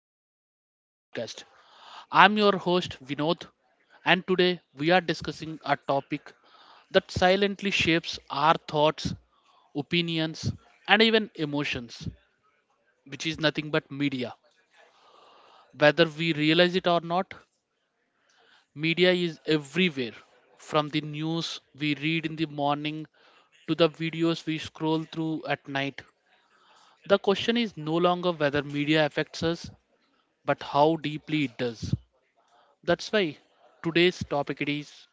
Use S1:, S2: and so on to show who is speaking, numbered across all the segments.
S1: episode of our podcast. I'm your host, Vinod, and today we are discussing a topic that silently shapes our thoughts, opinions, and even emotions, which is nothing but media. Whether we realize it or not, media is everywhere from the news we read in the morning to the videos we scroll through at night. The question is no longer whether media affects us, but how deeply it does. That's why today's topic it is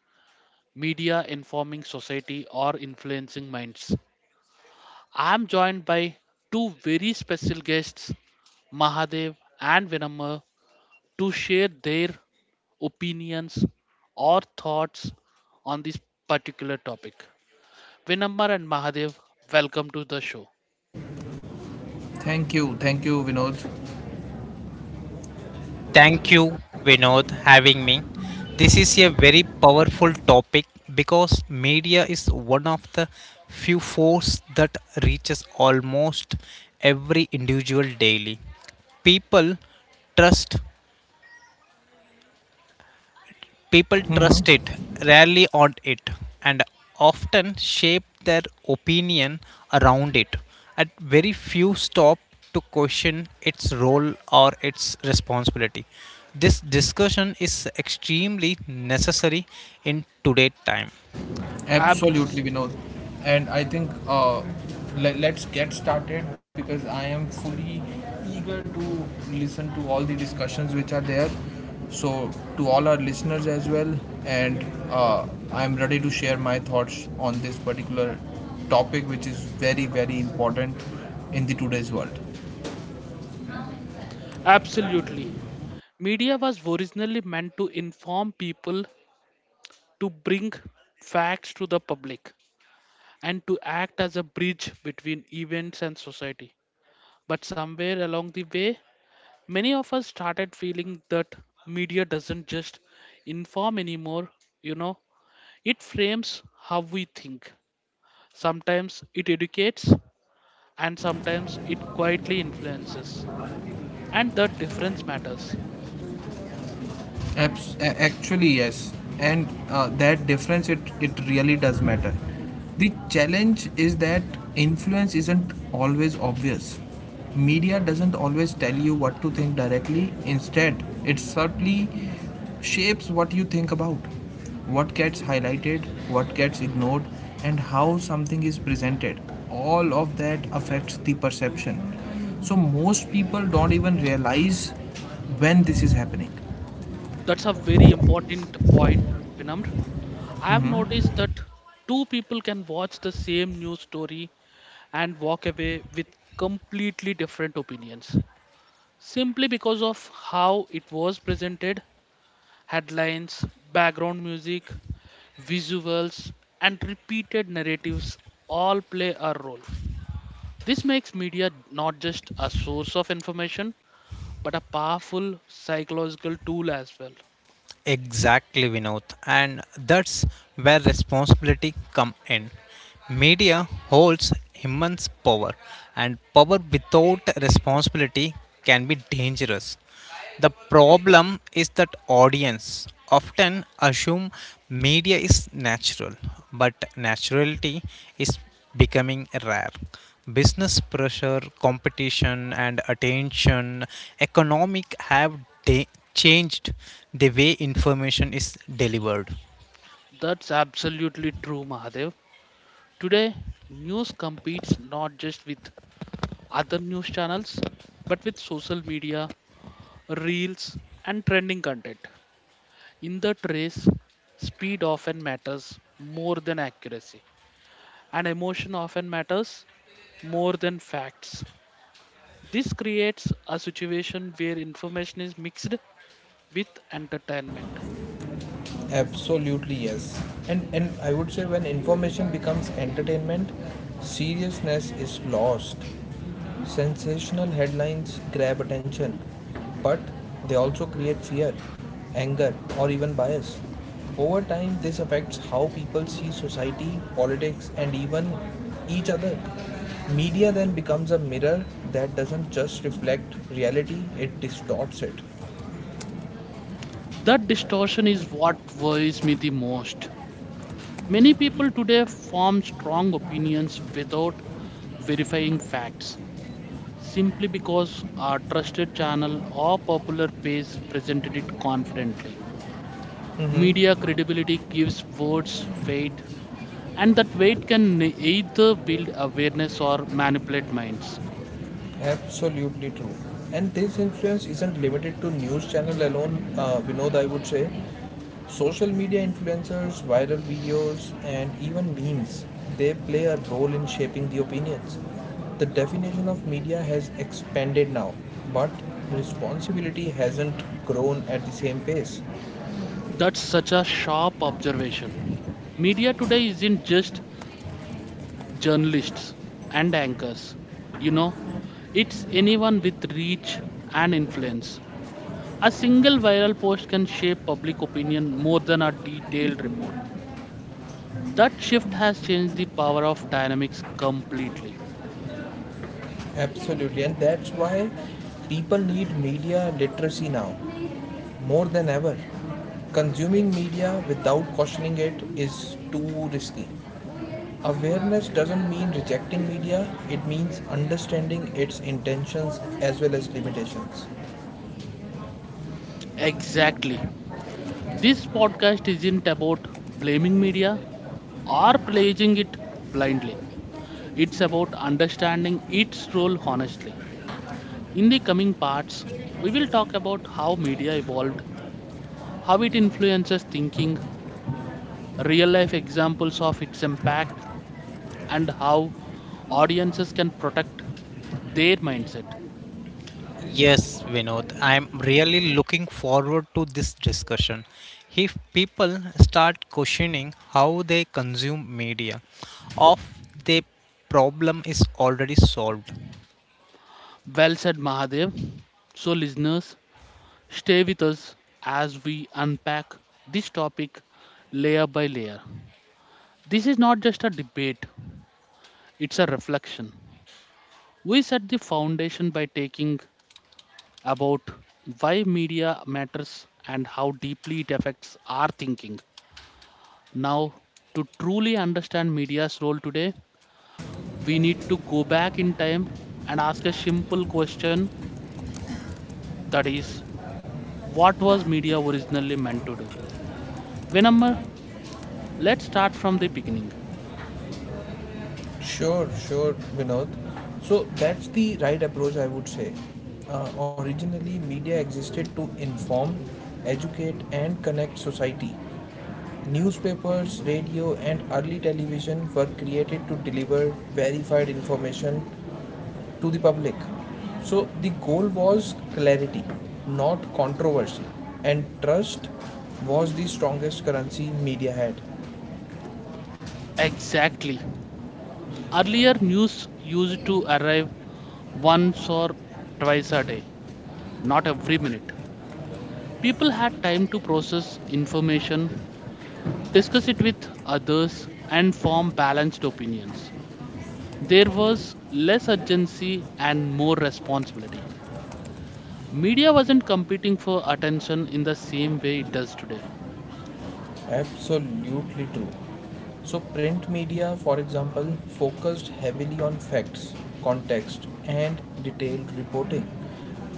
S1: media informing society or influencing minds. I'm joined by two very special guests, Mahadev and Vinamma, to share their opinions or thoughts on this particular topic. Vinamma and Mahadev, welcome to the show.
S2: Thank you, Vinod.
S3: Thank you, Vinod, having me. This is a very powerful topic because media is one of the few force that reaches almost every individual daily. People trust People
S2: Hmm.
S3: trust it, rarely on it, and often shape their opinion around it. At very few stop to question its role or its responsibility. This discussion is extremely necessary in today's time.
S1: Abs-
S2: Absolutely, Vinod. And I think let's get started because I am fully eager to listen to all the discussions which are there. So, to all our listeners as well, and I'm ready to share my thoughts on this particular topic, which is very, very important in the today's world.
S1: Absolutely. Media was originally meant to inform people to bring facts to the public and to act as a bridge between events and society. But somewhere along the way, many of us started feeling that media doesn't just inform anymore, you know, it frames how we think. Sometimes it educates, and sometimes it quietly influences. And the difference matters.
S2: Actually, yes, and that difference it really does matter. The challenge is that influence isn't always obvious. Media doesn't always tell you what to think directly. Instead, it subtly shapes what you think about, what gets highlighted, what gets ignored, and how something is presented. All of that affects the perception. So most people don't even realize when this is happening.
S1: That's a very important point, Vinamr. I've noticed that two people can watch the same news story and walk away with completely different opinions simply because of how it was presented, headlines, background music, visuals, and repeated narratives all play a role. This makes media not just a source of information but a powerful psychological tool as well.
S3: Exactly, Vinod. And that's where responsibility come in. Media holds immense power, and power without responsibility can be dangerous. The problem is that audience often assume media is natural, but naturality is becoming rare. Business pressure, competition, and attention economic have de- changed the way information is delivered.
S1: That's absolutely true, Mahadev. Today, news competes not just with other news channels, but with social media, reels, and trending content. In that race, speed often matters more than accuracy, and emotion often matters more than facts. This creates a situation where information is mixed with entertainment.
S2: Absolutely, yes. And I would say when information becomes entertainment, seriousness is lost. Sensational headlines grab attention, but they also create fear, anger, or even bias. Over time, this affects how people see society, politics, and even each other. Media then becomes a mirror that doesn't just reflect reality, it distorts it.
S1: That distortion is what worries me the most. Many people today form strong opinions without verifying facts simply because a trusted channel or popular page presented it confidently. Media credibility gives words weight, and that weight can either build awareness or manipulate minds.
S2: Absolutely true. And this influence isn't limited to news channel alone. Vinod, I would say, social media influencers, viral videos, and even memes they play a role in shaping the opinions. The definition of media has expanded now, but responsibility hasn't grown at the same pace.
S1: That's such a sharp observation. Media today isn't just journalists and anchors, you know, it's anyone with reach and influence. A single viral post can shape public opinion more than a detailed report. That shift has changed the power of dynamics completely.
S2: Absolutely, and that's why people need media literacy now more than ever. Consuming media without questioning it is too risky. Awareness doesn't mean rejecting media, it means understanding its intentions as well as limitations.
S1: Exactly. This podcast isn't about blaming media or praising it blindly. It's about understanding its role honestly. In the coming parts, we will talk about how media evolved, how it influences thinking, real life examples of its impact, and how audiences can protect their mindset.
S3: Yes, Vinod, I'm really looking forward to this discussion. If people start questioning how they consume media, of the problem is already solved.
S1: Well said, Mahadev. So, listeners, stay with us as we unpack this topic layer by layer. This is not just a debate, it's a reflection. We set the foundation by taking about why media matters and how deeply it affects our thinking. Now, to truly understand media's role today, we need to go back in time and ask a simple question that is, what was media originally meant to do? Venamma, let's start from the beginning.
S2: Sure, sure, Vinod. So that's the right approach, I would say. Originally, media existed to inform, educate, and connect society. Newspapers, radio, and early television were created to deliver verified information to the public. So the goal was clarity, not controversy, and trust was the strongest currency media had.
S1: Exactly. Earlier, news used to arrive once or twice a day, not every minute. People had time to process information, discuss it with others, and form balanced opinions. There was less urgency and more responsibility. Media wasn't competing for attention in the same way it does today.
S2: Absolutely true. So, print media, for example, focused heavily on facts, context, and detailed reporting.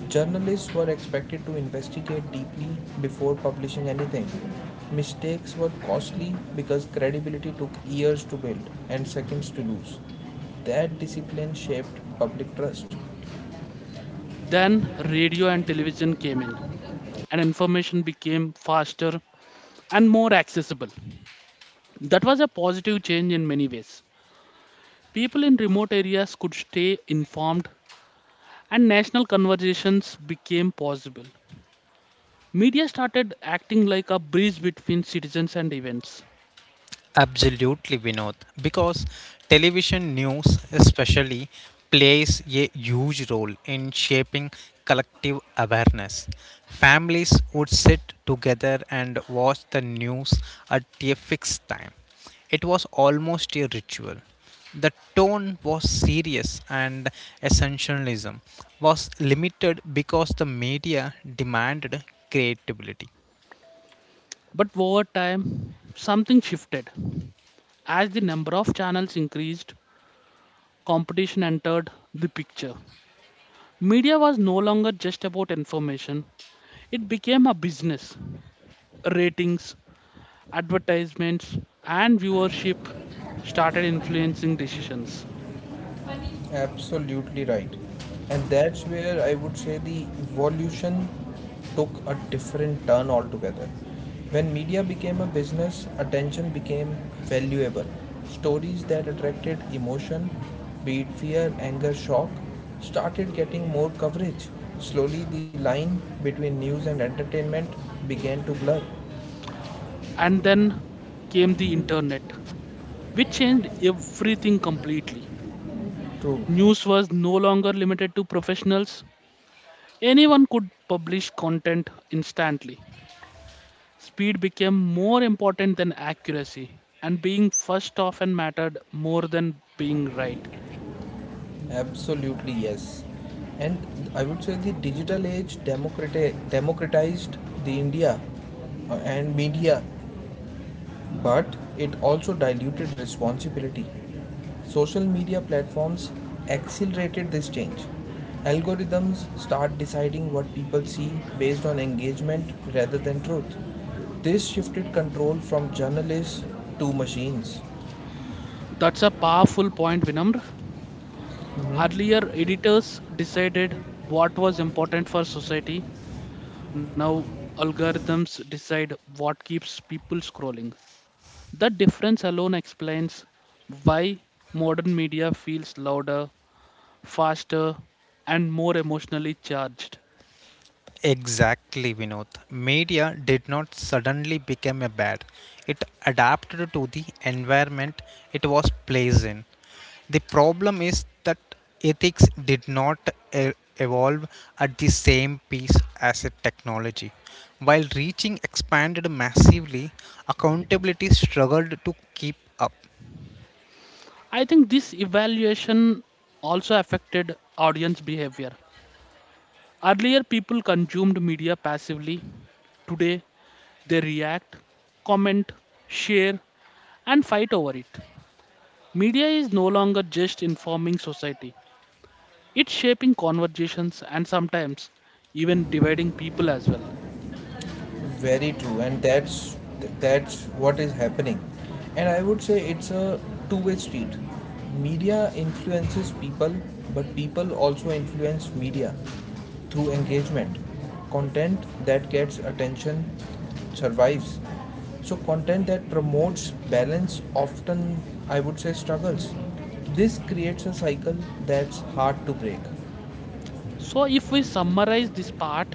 S2: Journalists were expected to investigate deeply before publishing anything. Mistakes were costly because credibility took years to build and seconds to lose. That discipline shaped public trust.
S1: Then radio and television came in, and information became faster and more accessible. That was a positive change in many ways. People in remote areas could stay informed, and national conversations became possible. Media started acting like a bridge between citizens and events.
S3: Absolutely, Vinod. Because television news, especially, plays a huge role in shaping collective awareness. Families would sit together and watch the news at a fixed time. It was almost a ritual. The tone was serious and essentialism was limited because the media demanded creativity.
S1: But over time, something shifted. As the number of channels increased, competition entered the picture. Media was no longer just about information, it became a business. Ratings, advertisements, and viewership started influencing decisions.
S2: Absolutely right. And that's where I would say the evolution took a different turn altogether. When media became a business, attention became valuable. Stories that attracted emotion, be it fear, anger, shock, started getting more coverage. Slowly, the line between news and entertainment began to blur.
S1: And then came the internet, which changed everything completely.
S2: True.
S1: News was no longer limited to professionals, anyone could publish content instantly. Speed became more important than accuracy, and being first often mattered more than being right.
S2: Absolutely, yes. And I would say the digital age democratized the India and media, but it also diluted responsibility. Social media platforms accelerated this change. Algorithms start deciding what people see based on engagement rather than truth. This shifted control from journalists to machines.
S1: That's a powerful point, Vinamr. Earlier, editors decided what was important for society. Now, algorithms decide what keeps people scrolling. That difference alone explains why modern media feels louder, faster, and more emotionally charged.
S3: Exactly, Vinod. Media did not suddenly become a bad. It adapted to the environment it was placed in. The problem is that ethics did not evolve at the same pace as a technology. While reaching expanded massively, accountability struggled to keep up.
S1: I think this evaluation also affected audience behavior. Earlier, people consumed media passively. Today, they react, comment, share, and fight over it. Media is no longer just informing society, it's shaping conversations and sometimes even dividing people as well.
S2: Very true, and that's what is happening. And I would say it's a two-way street. Media influences people, but people also influence media through engagement. Content that gets attention survives, so content that promotes balance often, I would say, struggles. This creates a cycle that's hard to break.
S1: So, if we summarize this part,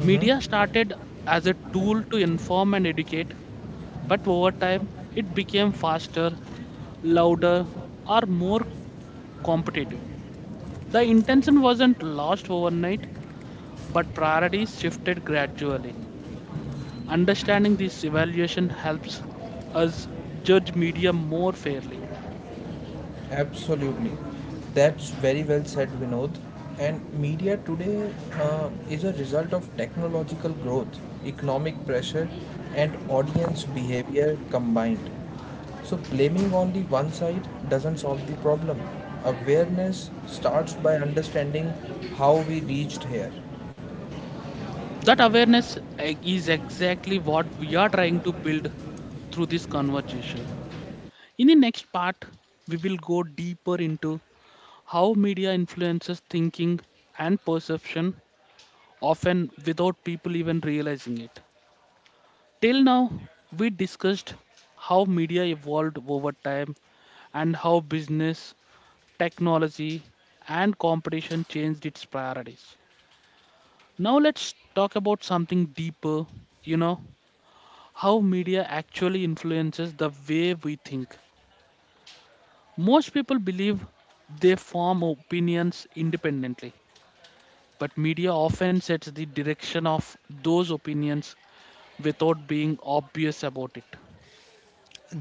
S1: media started as a tool to inform and educate, but over time it became faster, louder, or more competitive. The intention wasn't lost overnight, but priorities shifted gradually. Understanding this evaluation helps us judge media more fairly.
S2: Absolutely. That's very well said, Vinod. And media today is a result of technological growth, economic pressure, and audience behavior combined. So, blaming only one side doesn't solve the problem. Awareness starts by understanding how we reached here.
S1: That awareness is exactly what we are trying to build through this conversation. In the next part, we will go deeper into how media influences thinking and perception, often without people even realizing it. Till now, we discussed how media evolved over time and how business, technology, and competition changed its priorities. Now, let's talk about something deeper you know, how media actually influences the way we think. Most people believe they form opinions independently, but media often sets the direction of those opinions without being obvious about it.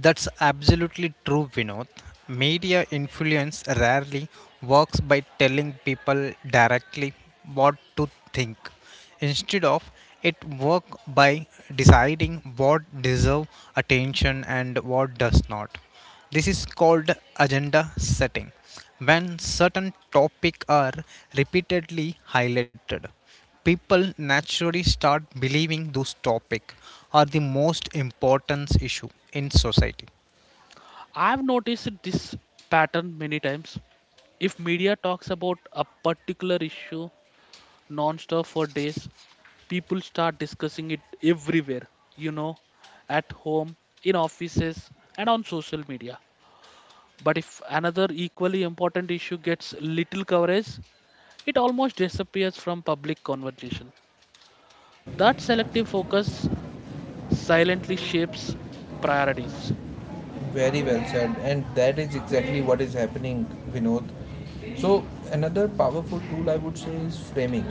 S3: That's absolutely true, Vinod. Media influence rarely works by telling people directly what to think. Instead of it work by deciding what deserve attention and what does not. This is called agenda setting when certain topics are repeatedly highlighted, people naturally start believing those topics are the most important issue in society.
S1: I've noticed this pattern many times. If media talks about a particular issue non-stop for days, people start discussing it everywhere, you know, at home, in offices, and on social media. But if another equally important issue gets little coverage, it almost disappears from public conversation. That selective focus silently shapes priorities.
S2: Very well said, and that is exactly what is happening, Vinod. So another powerful tool I would say is framing.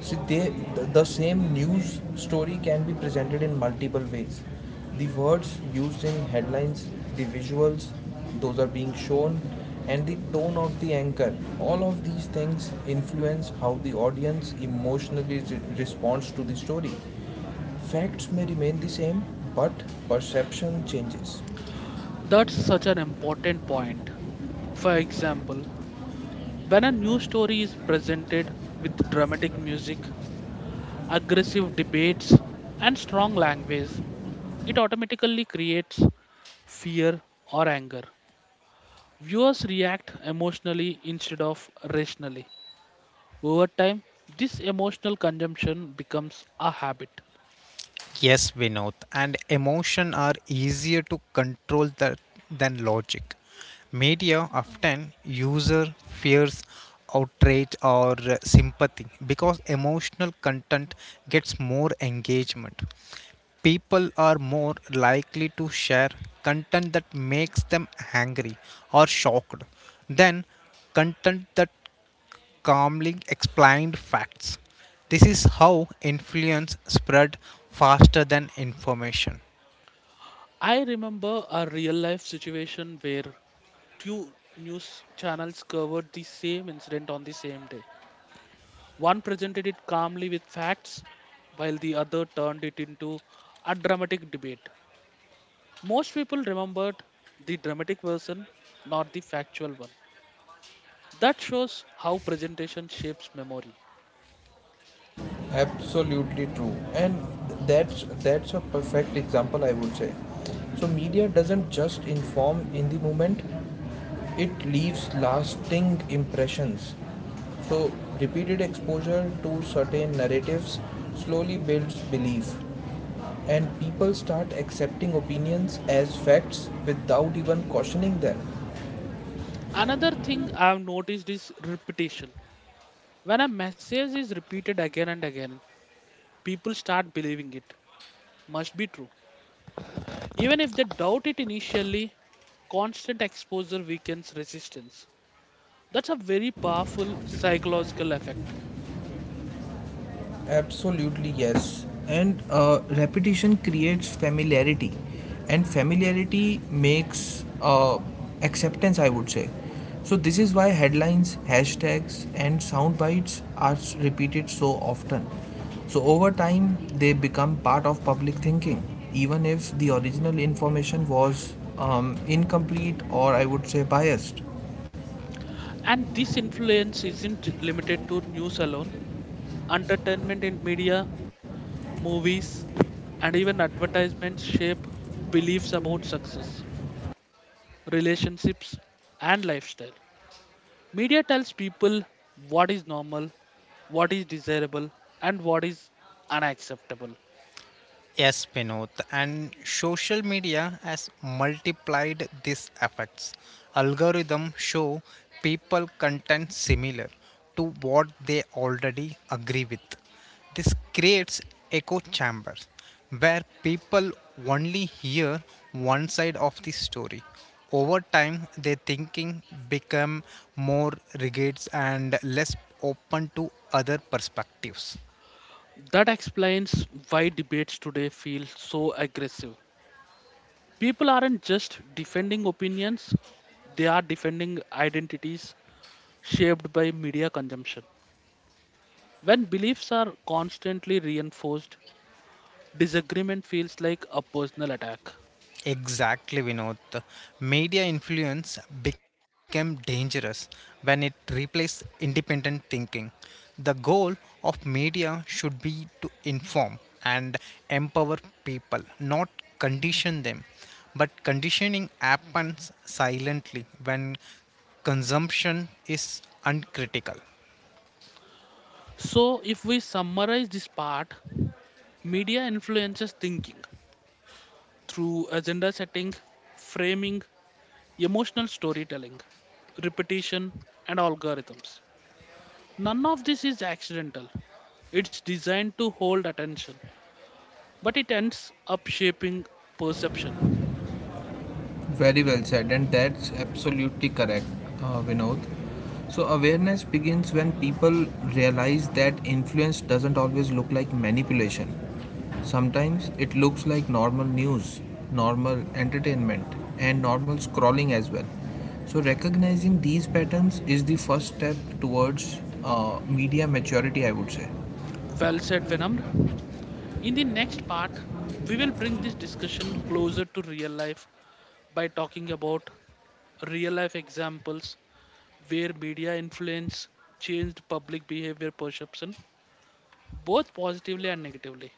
S2: See, the same news story can be presented in multiple ways. The words used in headlines, the visuals, those are being shown, and the tone of the anchor. All of these things influence how the audience emotionally responds to the story. Facts may remain the same, but perception changes.
S1: That's such an important point. For example, when a new story is presented with dramatic music, aggressive debates, and strong language, it automatically creates fear or anger. Viewers react emotionally instead of rationally. Over time, this emotional consumption becomes a habit.
S3: Yes, Vinod, and emotion are easier to control than logic. Media often user fears, outrage, or sympathy because emotional content gets more engagement. People are more likely to share content that makes them angry or shocked than content that calmly explained facts. This is how influence spread faster than information.
S1: I remember a real life situation where two news channels covered the same incident on the same day. One presented it calmly with facts, while the other turned it into a dramatic debate. Most people remembered the dramatic version, not the factual one. That shows how presentation shapes memory.
S2: Absolutely true, and that's a perfect example, I would say. So media doesn't just inform in the moment, it leaves lasting impressions. So repeated exposure to certain narratives slowly builds belief, and people start accepting opinions as facts without even cautioning them.
S1: Another thing I've noticed is repetition. When a message is repeated again and again, people start believing it must be true. Even if they doubt it initially, constant exposure weakens resistance. That's a very powerful psychological effect.
S2: Absolutely, yes. And repetition creates familiarity, and familiarity makes acceptance, I would say. So, this is why headlines, hashtags, and sound bites are repeated so often. So, over time, they become part of public thinking, even if the original information was incomplete or I would say biased.
S1: And this influence isn't limited to news alone. Entertainment in media, movies, and even advertisements shape beliefs about success, relationships, and lifestyle. Media tells people what is normal, what is desirable, and what is unacceptable.
S3: Yes, Vinod, and social media has multiplied these effects. Algorithms show people content similar to what they already agree with. This creates echo chambers where people only hear one side of the story. Over time, their thinking become more rigid and less open to other perspectives.
S1: That explains why debates today feel so aggressive. People aren't just defending opinions, they are defending identities shaped by media consumption. When beliefs are constantly reinforced, disagreement feels like a personal attack.
S3: Exactly, Vinod. The media influence became dangerous when it replaced independent thinking. The goal of media should be to inform and empower people, not condition them. But conditioning happens silently when consumption is uncritical.
S1: So, if we summarize this part, media influences thinking through agenda setting, framing, emotional storytelling, repetition, and algorithms. None of this is accidental. It's designed to hold attention, but it ends up shaping perception.
S2: Very well said, and that's absolutely correct, Vinod. So, awareness begins when people realize that influence doesn't always look like manipulation. Sometimes it looks like normal news, normal entertainment, and normal scrolling as well. So, recognizing these patterns is the first step towards media maturity, I would say.
S1: Well said, Venom. In the next part, we will bring this discussion closer to real life by talking about real life examples where media influence changed public behavior perception, both positively and negatively.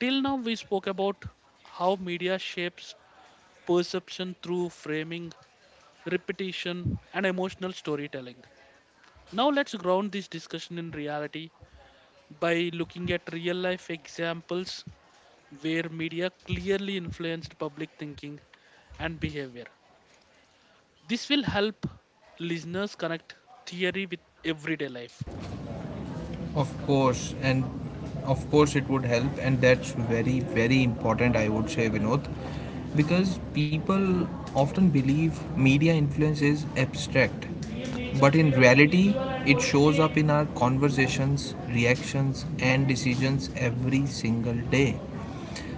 S1: Till now, we spoke about how media shapes perception through framing, repetition, and emotional storytelling. Now, let's ground this discussion in reality by looking at real life examples where media clearly influenced public thinking and behavior. This will help listeners connect theory with everyday life.
S2: Of course, and of course it would help, and that's very, very important, I would say, Vinod, because people often believe media influence is abstract, but in reality, it shows up in our conversations, reactions, and decisions every single day.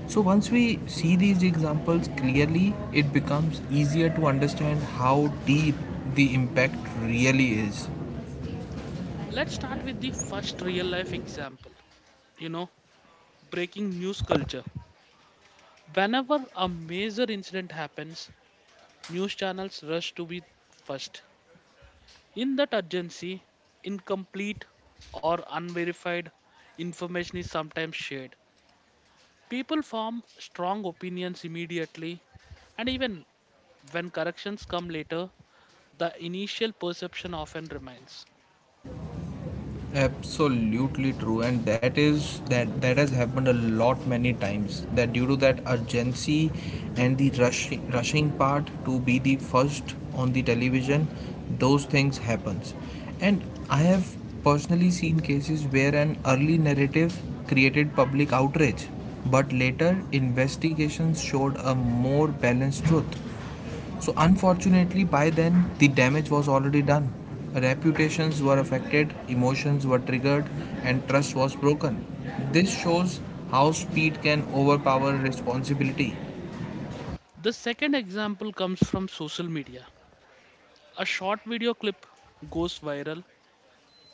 S2: So once we see these examples clearly, it becomes easier to understand how deep the impact really is.
S1: Let's start with the first real life example you know, breaking news culture. Whenever a major incident happens, news channels rush to be first. In that urgency, incomplete or unverified information is sometimes shared. People form strong opinions immediately, and even when corrections come later, the initial perception often remains.
S2: Absolutely true, and that is that that has happened a lot many times, that due to that urgency and the rushing part to be the first on the television, those things happens. And I have personally seen cases where an early narrative created public outrage, but later investigations showed a more balanced truth. So, unfortunately, by then the damage was already done. Reputations were affected, emotions were triggered, and trust was broken. This shows how speed can overpower responsibility.
S1: The second example comes from social media. A short video clip goes viral,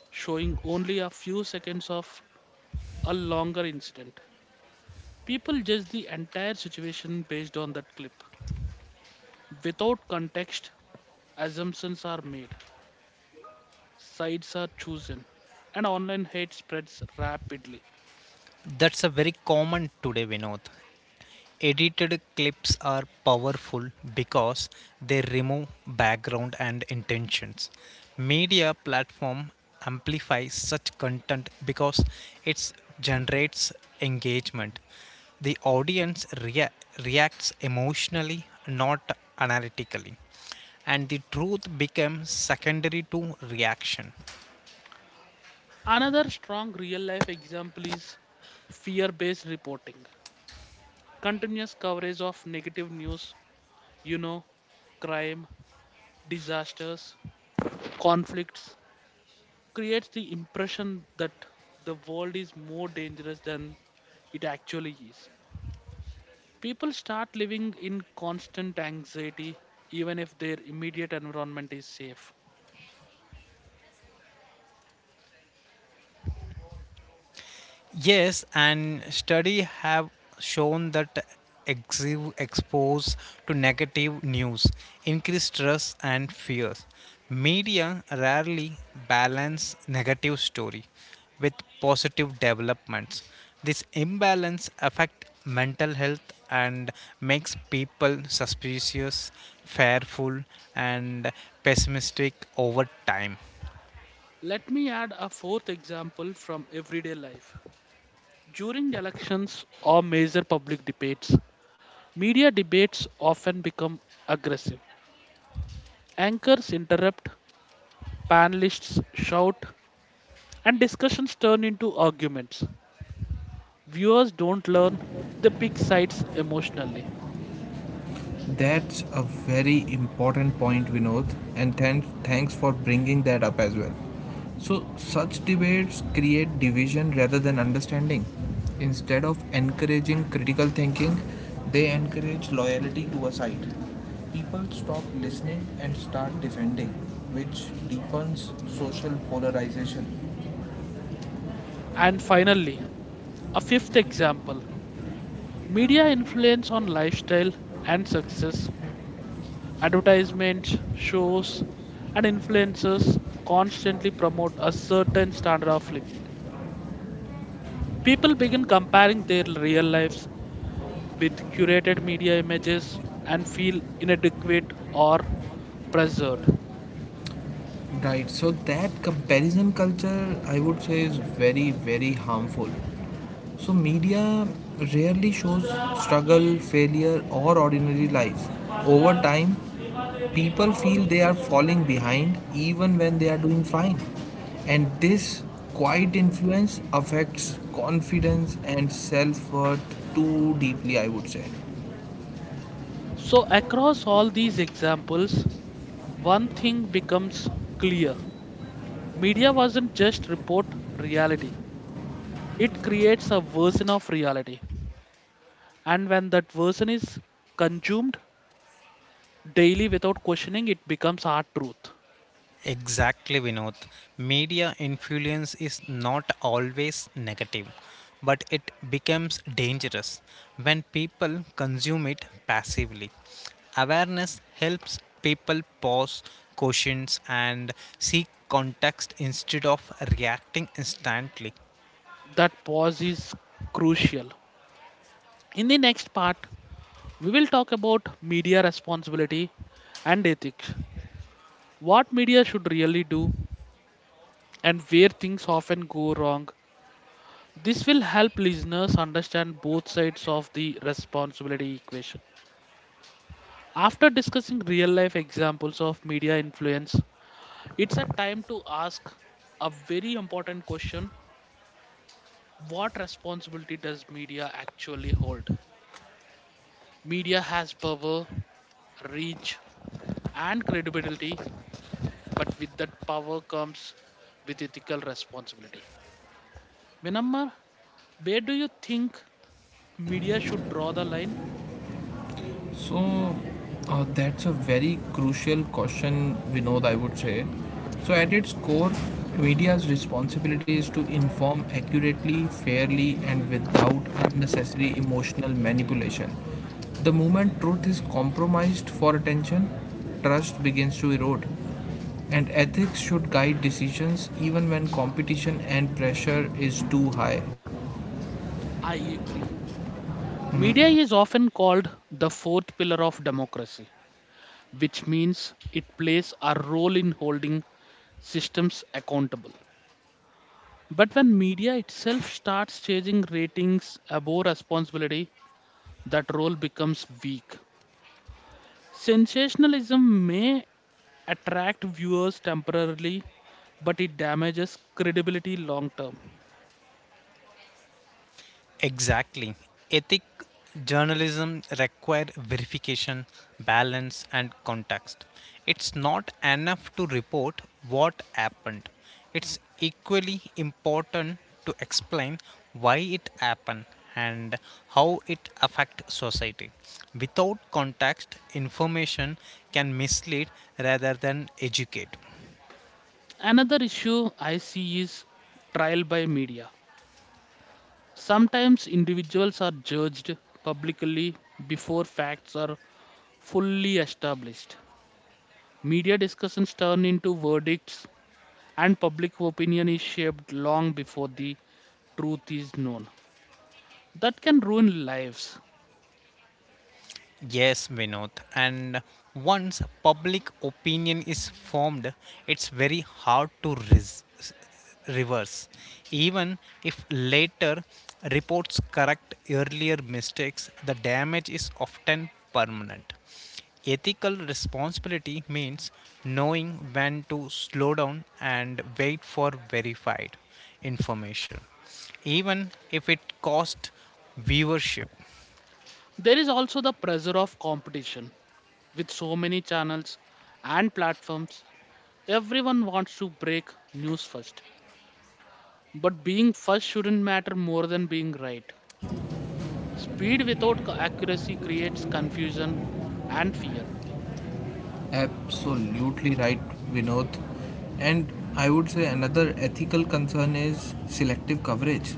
S1: showing only a few seconds of a longer incident. People judge the entire situation based on that clip. Without context, assumptions are made, sides are chosen, and online hate spreads rapidly.
S3: That's a very common today, Vinod. Edited clips are powerful because they remove background and intentions. Media platform amplifies such content because it generates engagement. The audience reacts emotionally, not analytically, and the truth becomes secondary to reaction.
S1: Another strong real life example is fear based reporting. Continuous coverage of negative news, you know, crime, disasters, conflicts, creates the impression that the world is more dangerous than it actually is. People start living in constant anxiety even if their immediate environment is safe.
S3: Yes, and study have shown that expose to negative news increase stress and fears. Media rarely balance negative story with positive developments. This imbalance affect mental health and makes people suspicious, fearful, and pessimistic over time.
S1: Let me add a fourth example from everyday life. During elections or major public debates, media debates often become aggressive. Anchors interrupt, panelists shout, and discussions turn into arguments. Viewers don't learn, they pick sides emotionally.
S2: That's a very important point, Vinod, and thanks for bringing that up as well. So, such debates create division rather than understanding. Instead of encouraging critical thinking, they encourage loyalty to a side. People stop listening and start defending, which deepens social polarization.
S1: And finally, a fifth example media influence on lifestyle and success. Advertisements, shows, and influencers constantly promote a certain standard of living. People begin comparing their real lives with curated media images and feel inadequate or pressured.
S2: Right, so that comparison culture, I would say, is very, very harmful. So, media rarely shows struggle, failure, or ordinary lives. Over time, people feel they are falling behind even when they are doing fine. And this quiet influence affects confidence and self worth too deeply, I would say.
S1: So, across all these examples, one thing becomes clear media wasn't just report reality, it creates a version of reality. And when that version is consumed daily without questioning, it becomes our truth.
S3: Exactly, Vinod. Media influence is not always negative, but it becomes dangerous when people consume it passively. Awareness helps people pause, questions, and seek context instead of reacting instantly.
S1: That pause is crucial. In the next part, we will talk about media responsibility and ethics what media should really do, and where things often go wrong. This will help listeners understand both sides of the responsibility equation. After discussing real life examples of media influence, it's a time to ask a very important question. What responsibility does media actually hold? Media has power, reach, and credibility, but with that power comes with ethical responsibility. Vinamma, where do you think media should draw the line?
S2: So that's a very crucial question, Vinod, I would say. So, at its core, media's responsibility is to inform accurately, fairly, and without unnecessary emotional manipulation. The moment truth is compromised for attention, trust begins to erode. And ethics should guide decisions even when competition and pressure is too high.
S1: I agree. Media is often called the fourth pillar of democracy, which means it plays a role in holding systems accountable. But when media itself starts chasing ratings above responsibility, that role becomes weak. Sensationalism may attract viewers temporarily, but it damages credibility long term.
S3: Exactly. Ethic journalism require verification, balance, and context. It's not enough to report what happened. It's equally important to explain why it happened and how it affects society. Without context, information can mislead rather than educate.
S1: Another issue I see is trial by media. Sometimes individuals are judged publicly before facts are fully established. Media discussions turn into verdicts, and public opinion is shaped long before the truth is known. That can ruin lives.
S3: Yes, Vinod. And once public opinion is formed, it's very hard to reverse. Even if later reports correct earlier mistakes, the damage is often permanent. Ethical responsibility means knowing when to slow down and wait for verified information, even if it costs viewership.
S1: There is also the pressure of competition. With so many channels and platforms, everyone wants to break news first. But being first shouldn't matter more than being right. Speed without accuracy creates confusion and fear.
S2: Absolutely right, Vinod. And I would say another ethical concern is selective coverage.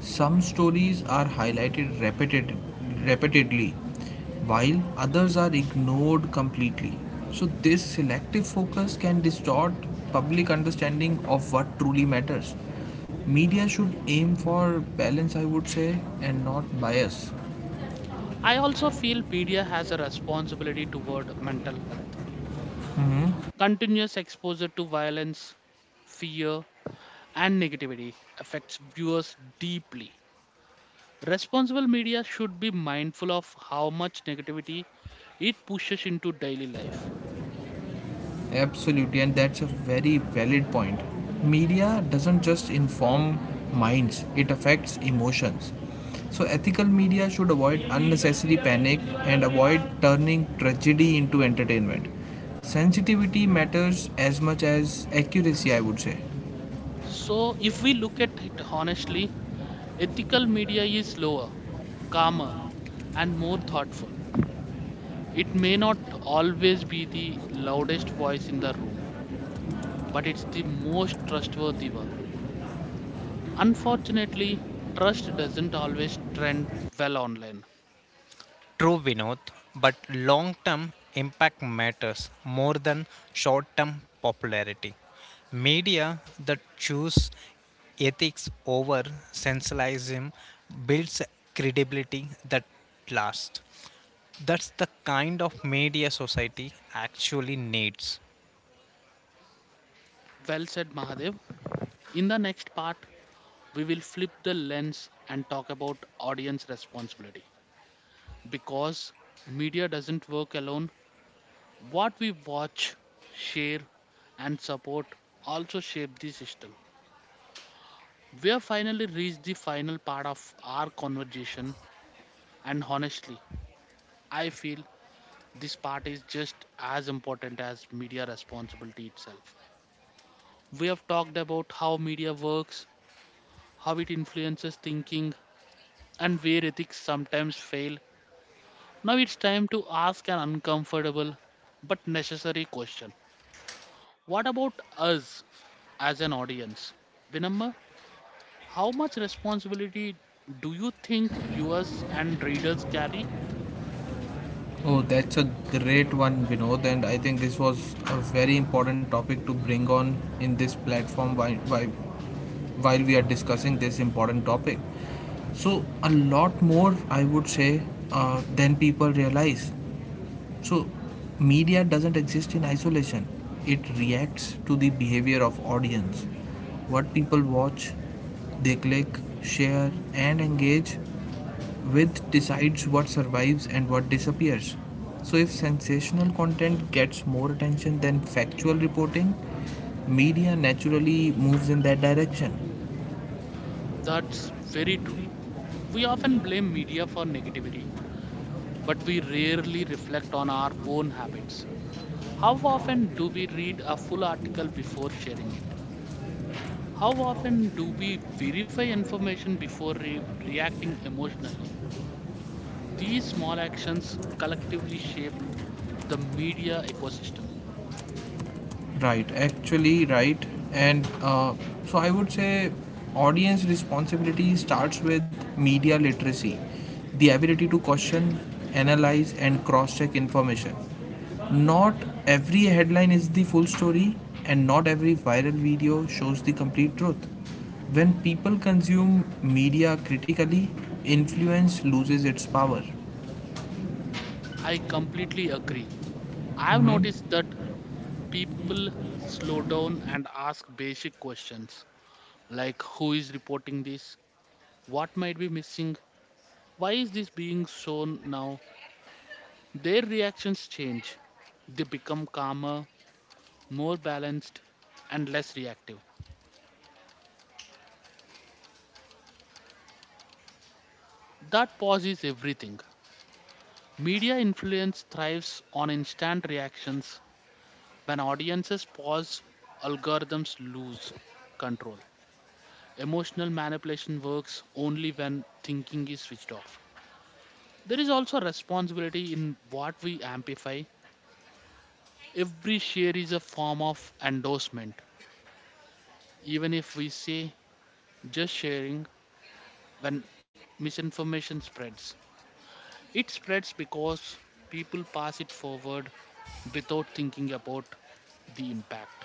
S2: Some stories are highlighted repeatedly, while others are ignored completely. So, this selective focus can distort public understanding of what truly matters. Media should aim for balance, I would say, and not bias.
S1: I also feel media has a responsibility toward mental health. Continuous exposure to violence, fear, and negativity affects viewers deeply. Responsible media should be mindful of how much negativity it pushes into daily life.
S2: Absolutely, and that's a very valid point. Media doesn't just inform minds, it affects emotions. So, ethical media should avoid unnecessary panic and avoid turning tragedy into entertainment. Sensitivity matters as much as accuracy, I would say.
S1: So, if we look at it honestly, ethical media is slower, calmer, and more thoughtful. It may not always be the loudest voice in the room, but it's the most trustworthy one. Unfortunately, trust doesn't always trend well online.
S3: True, Vinod, but long term impact matters more than short term popularity. Media that choose ethics over sensationalism builds credibility that lasts. That's the kind of media society actually needs.
S1: Well said, Mahadev. In the next part, we will flip the lens and talk about audience responsibility, because media doesn't work alone. What we watch, share, and support also shape the system. We have finally reached the final part of our conversation, and honestly, I feel this part is just as important as media responsibility itself. We have talked about how media works, how it influences thinking, and where ethics sometimes fail. Now it's time to ask an uncomfortable but necessary question. What about us as an audience? Vinamma? How much responsibility do you think viewers and readers carry?
S2: Oh, that's a great one, Vinod, and I think this was a very important topic to bring on in this platform while we are discussing this important topic. So, a lot more, I would say, than people realize. So, media doesn't exist in isolation. It reacts to the behavior of audience. What people watch, they click, share, and engage width decides what survives and what disappears. So, if sensational content gets more attention than factual reporting, media naturally moves in that direction.
S1: That's very true. We often blame media for negativity, but we rarely reflect on our own habits. How often do we read a full article before sharing it? How often do we verify information before reacting emotionally? These small actions collectively shape the media ecosystem.
S2: Right, actually, right. And so I would say audience responsibility starts with media literacy, the ability to question, analyze, and cross check information. Not every headline is the full story, and not every viral video shows the complete truth. When people consume media critically, influence loses its power.
S1: I completely agree. I have noticed that people slow down and ask basic questions like, who is reporting this? What might be missing? Why is this being shown now? Their reactions change. They become calmer, more balanced, and less reactive. That pause is everything. Media influence thrives on instant reactions. When audiences pause, algorithms lose control. Emotional manipulation works only when thinking is switched off. There is also responsibility in what we amplify. Every share is a form of endorsement, even if we say just sharing, when misinformation spreads. It spreads because people pass it forward without thinking about the impact.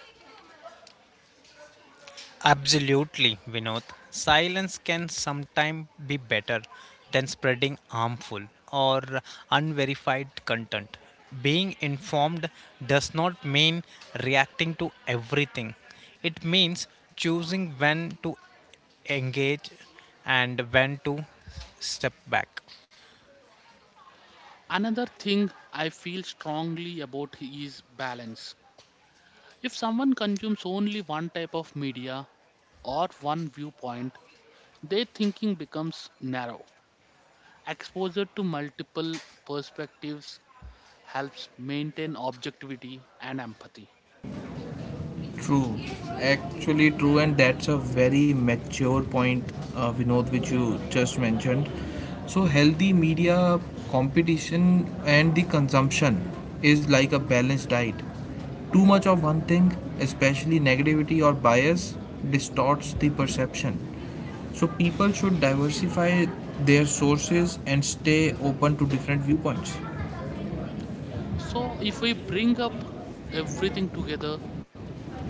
S3: Absolutely, Vinod. Silence can sometimes be better than spreading harmful or unverified content. Being informed does not mean reacting to everything, it means choosing when to engage and when to step back.
S1: Another thing I feel strongly about is balance. If someone consumes only one type of media or one viewpoint, their thinking becomes narrow. Exposure to multiple perspectives helps maintain objectivity and empathy.
S2: True, actually true, and that's a very mature point, Vinod, which you just mentioned. So, healthy media competition and the consumption is like a balanced diet. Too much of one thing, especially negativity or bias, distorts the perception. So, people should diversify their sources and stay open to different viewpoints.
S1: So, if we bring up everything together,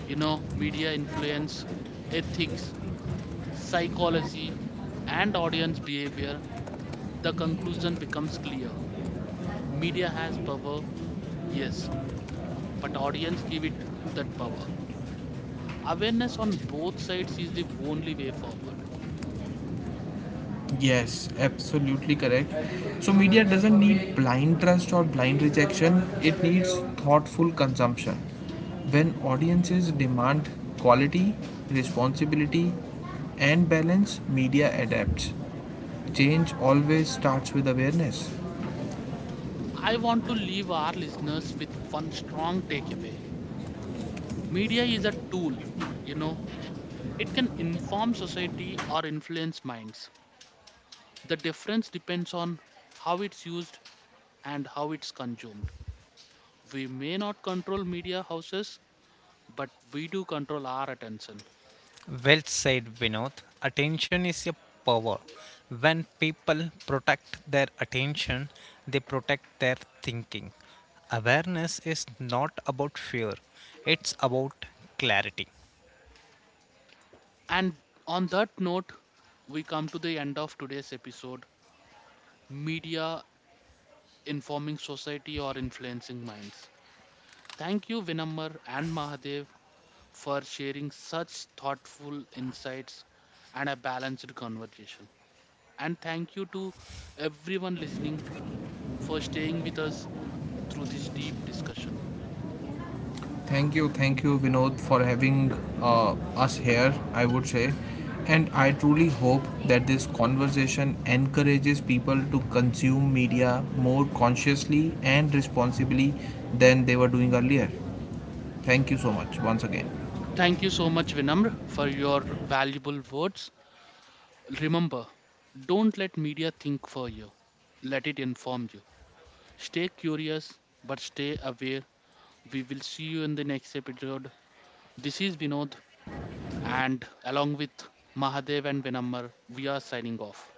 S1: you know, media influence, ethics, psychology, and audience behavior, the conclusion becomes clear. Media has power, yes, but audience give it that power. Awareness on both sides is the only way forward.
S2: Yes, absolutely correct. So, media doesn't need blind trust or blind rejection, it needs thoughtful consumption. When audiences demand quality, responsibility, and balance, media adapts. Change always starts with awareness.
S1: I want to leave our listeners with one strong takeaway. Media is a tool, you know, it can inform society or influence minds. The difference depends on how it's used and how it's consumed. We may not control media houses, but we do control our attention.
S3: Well said, Vinod. Attention is a power. When people protect their attention, they protect their thinking. Awareness is not about fear, it's about clarity.
S1: And on that note, we come to the end of today's episode, Media: Informing Society or Influencing Minds. Thank you, Vinamar and Mahadev, for sharing such thoughtful insights and a balanced conversation. And thank you to everyone listening for staying with us through this deep discussion.
S2: Thank you, Vinod, for having us here, I would say. And I truly hope that this conversation encourages people to consume media more consciously and responsibly than they were doing earlier. Thank you so much once again.
S1: Thank you so much, Vinamr, for your valuable words. Remember, don't let media think for you, let it inform you. Stay curious, but stay aware. We will see you in the next episode. This is Vinod, and along with Mahadev and Vinamr, we are signing off.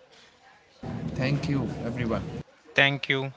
S2: Thank you, everyone.
S3: Thank you.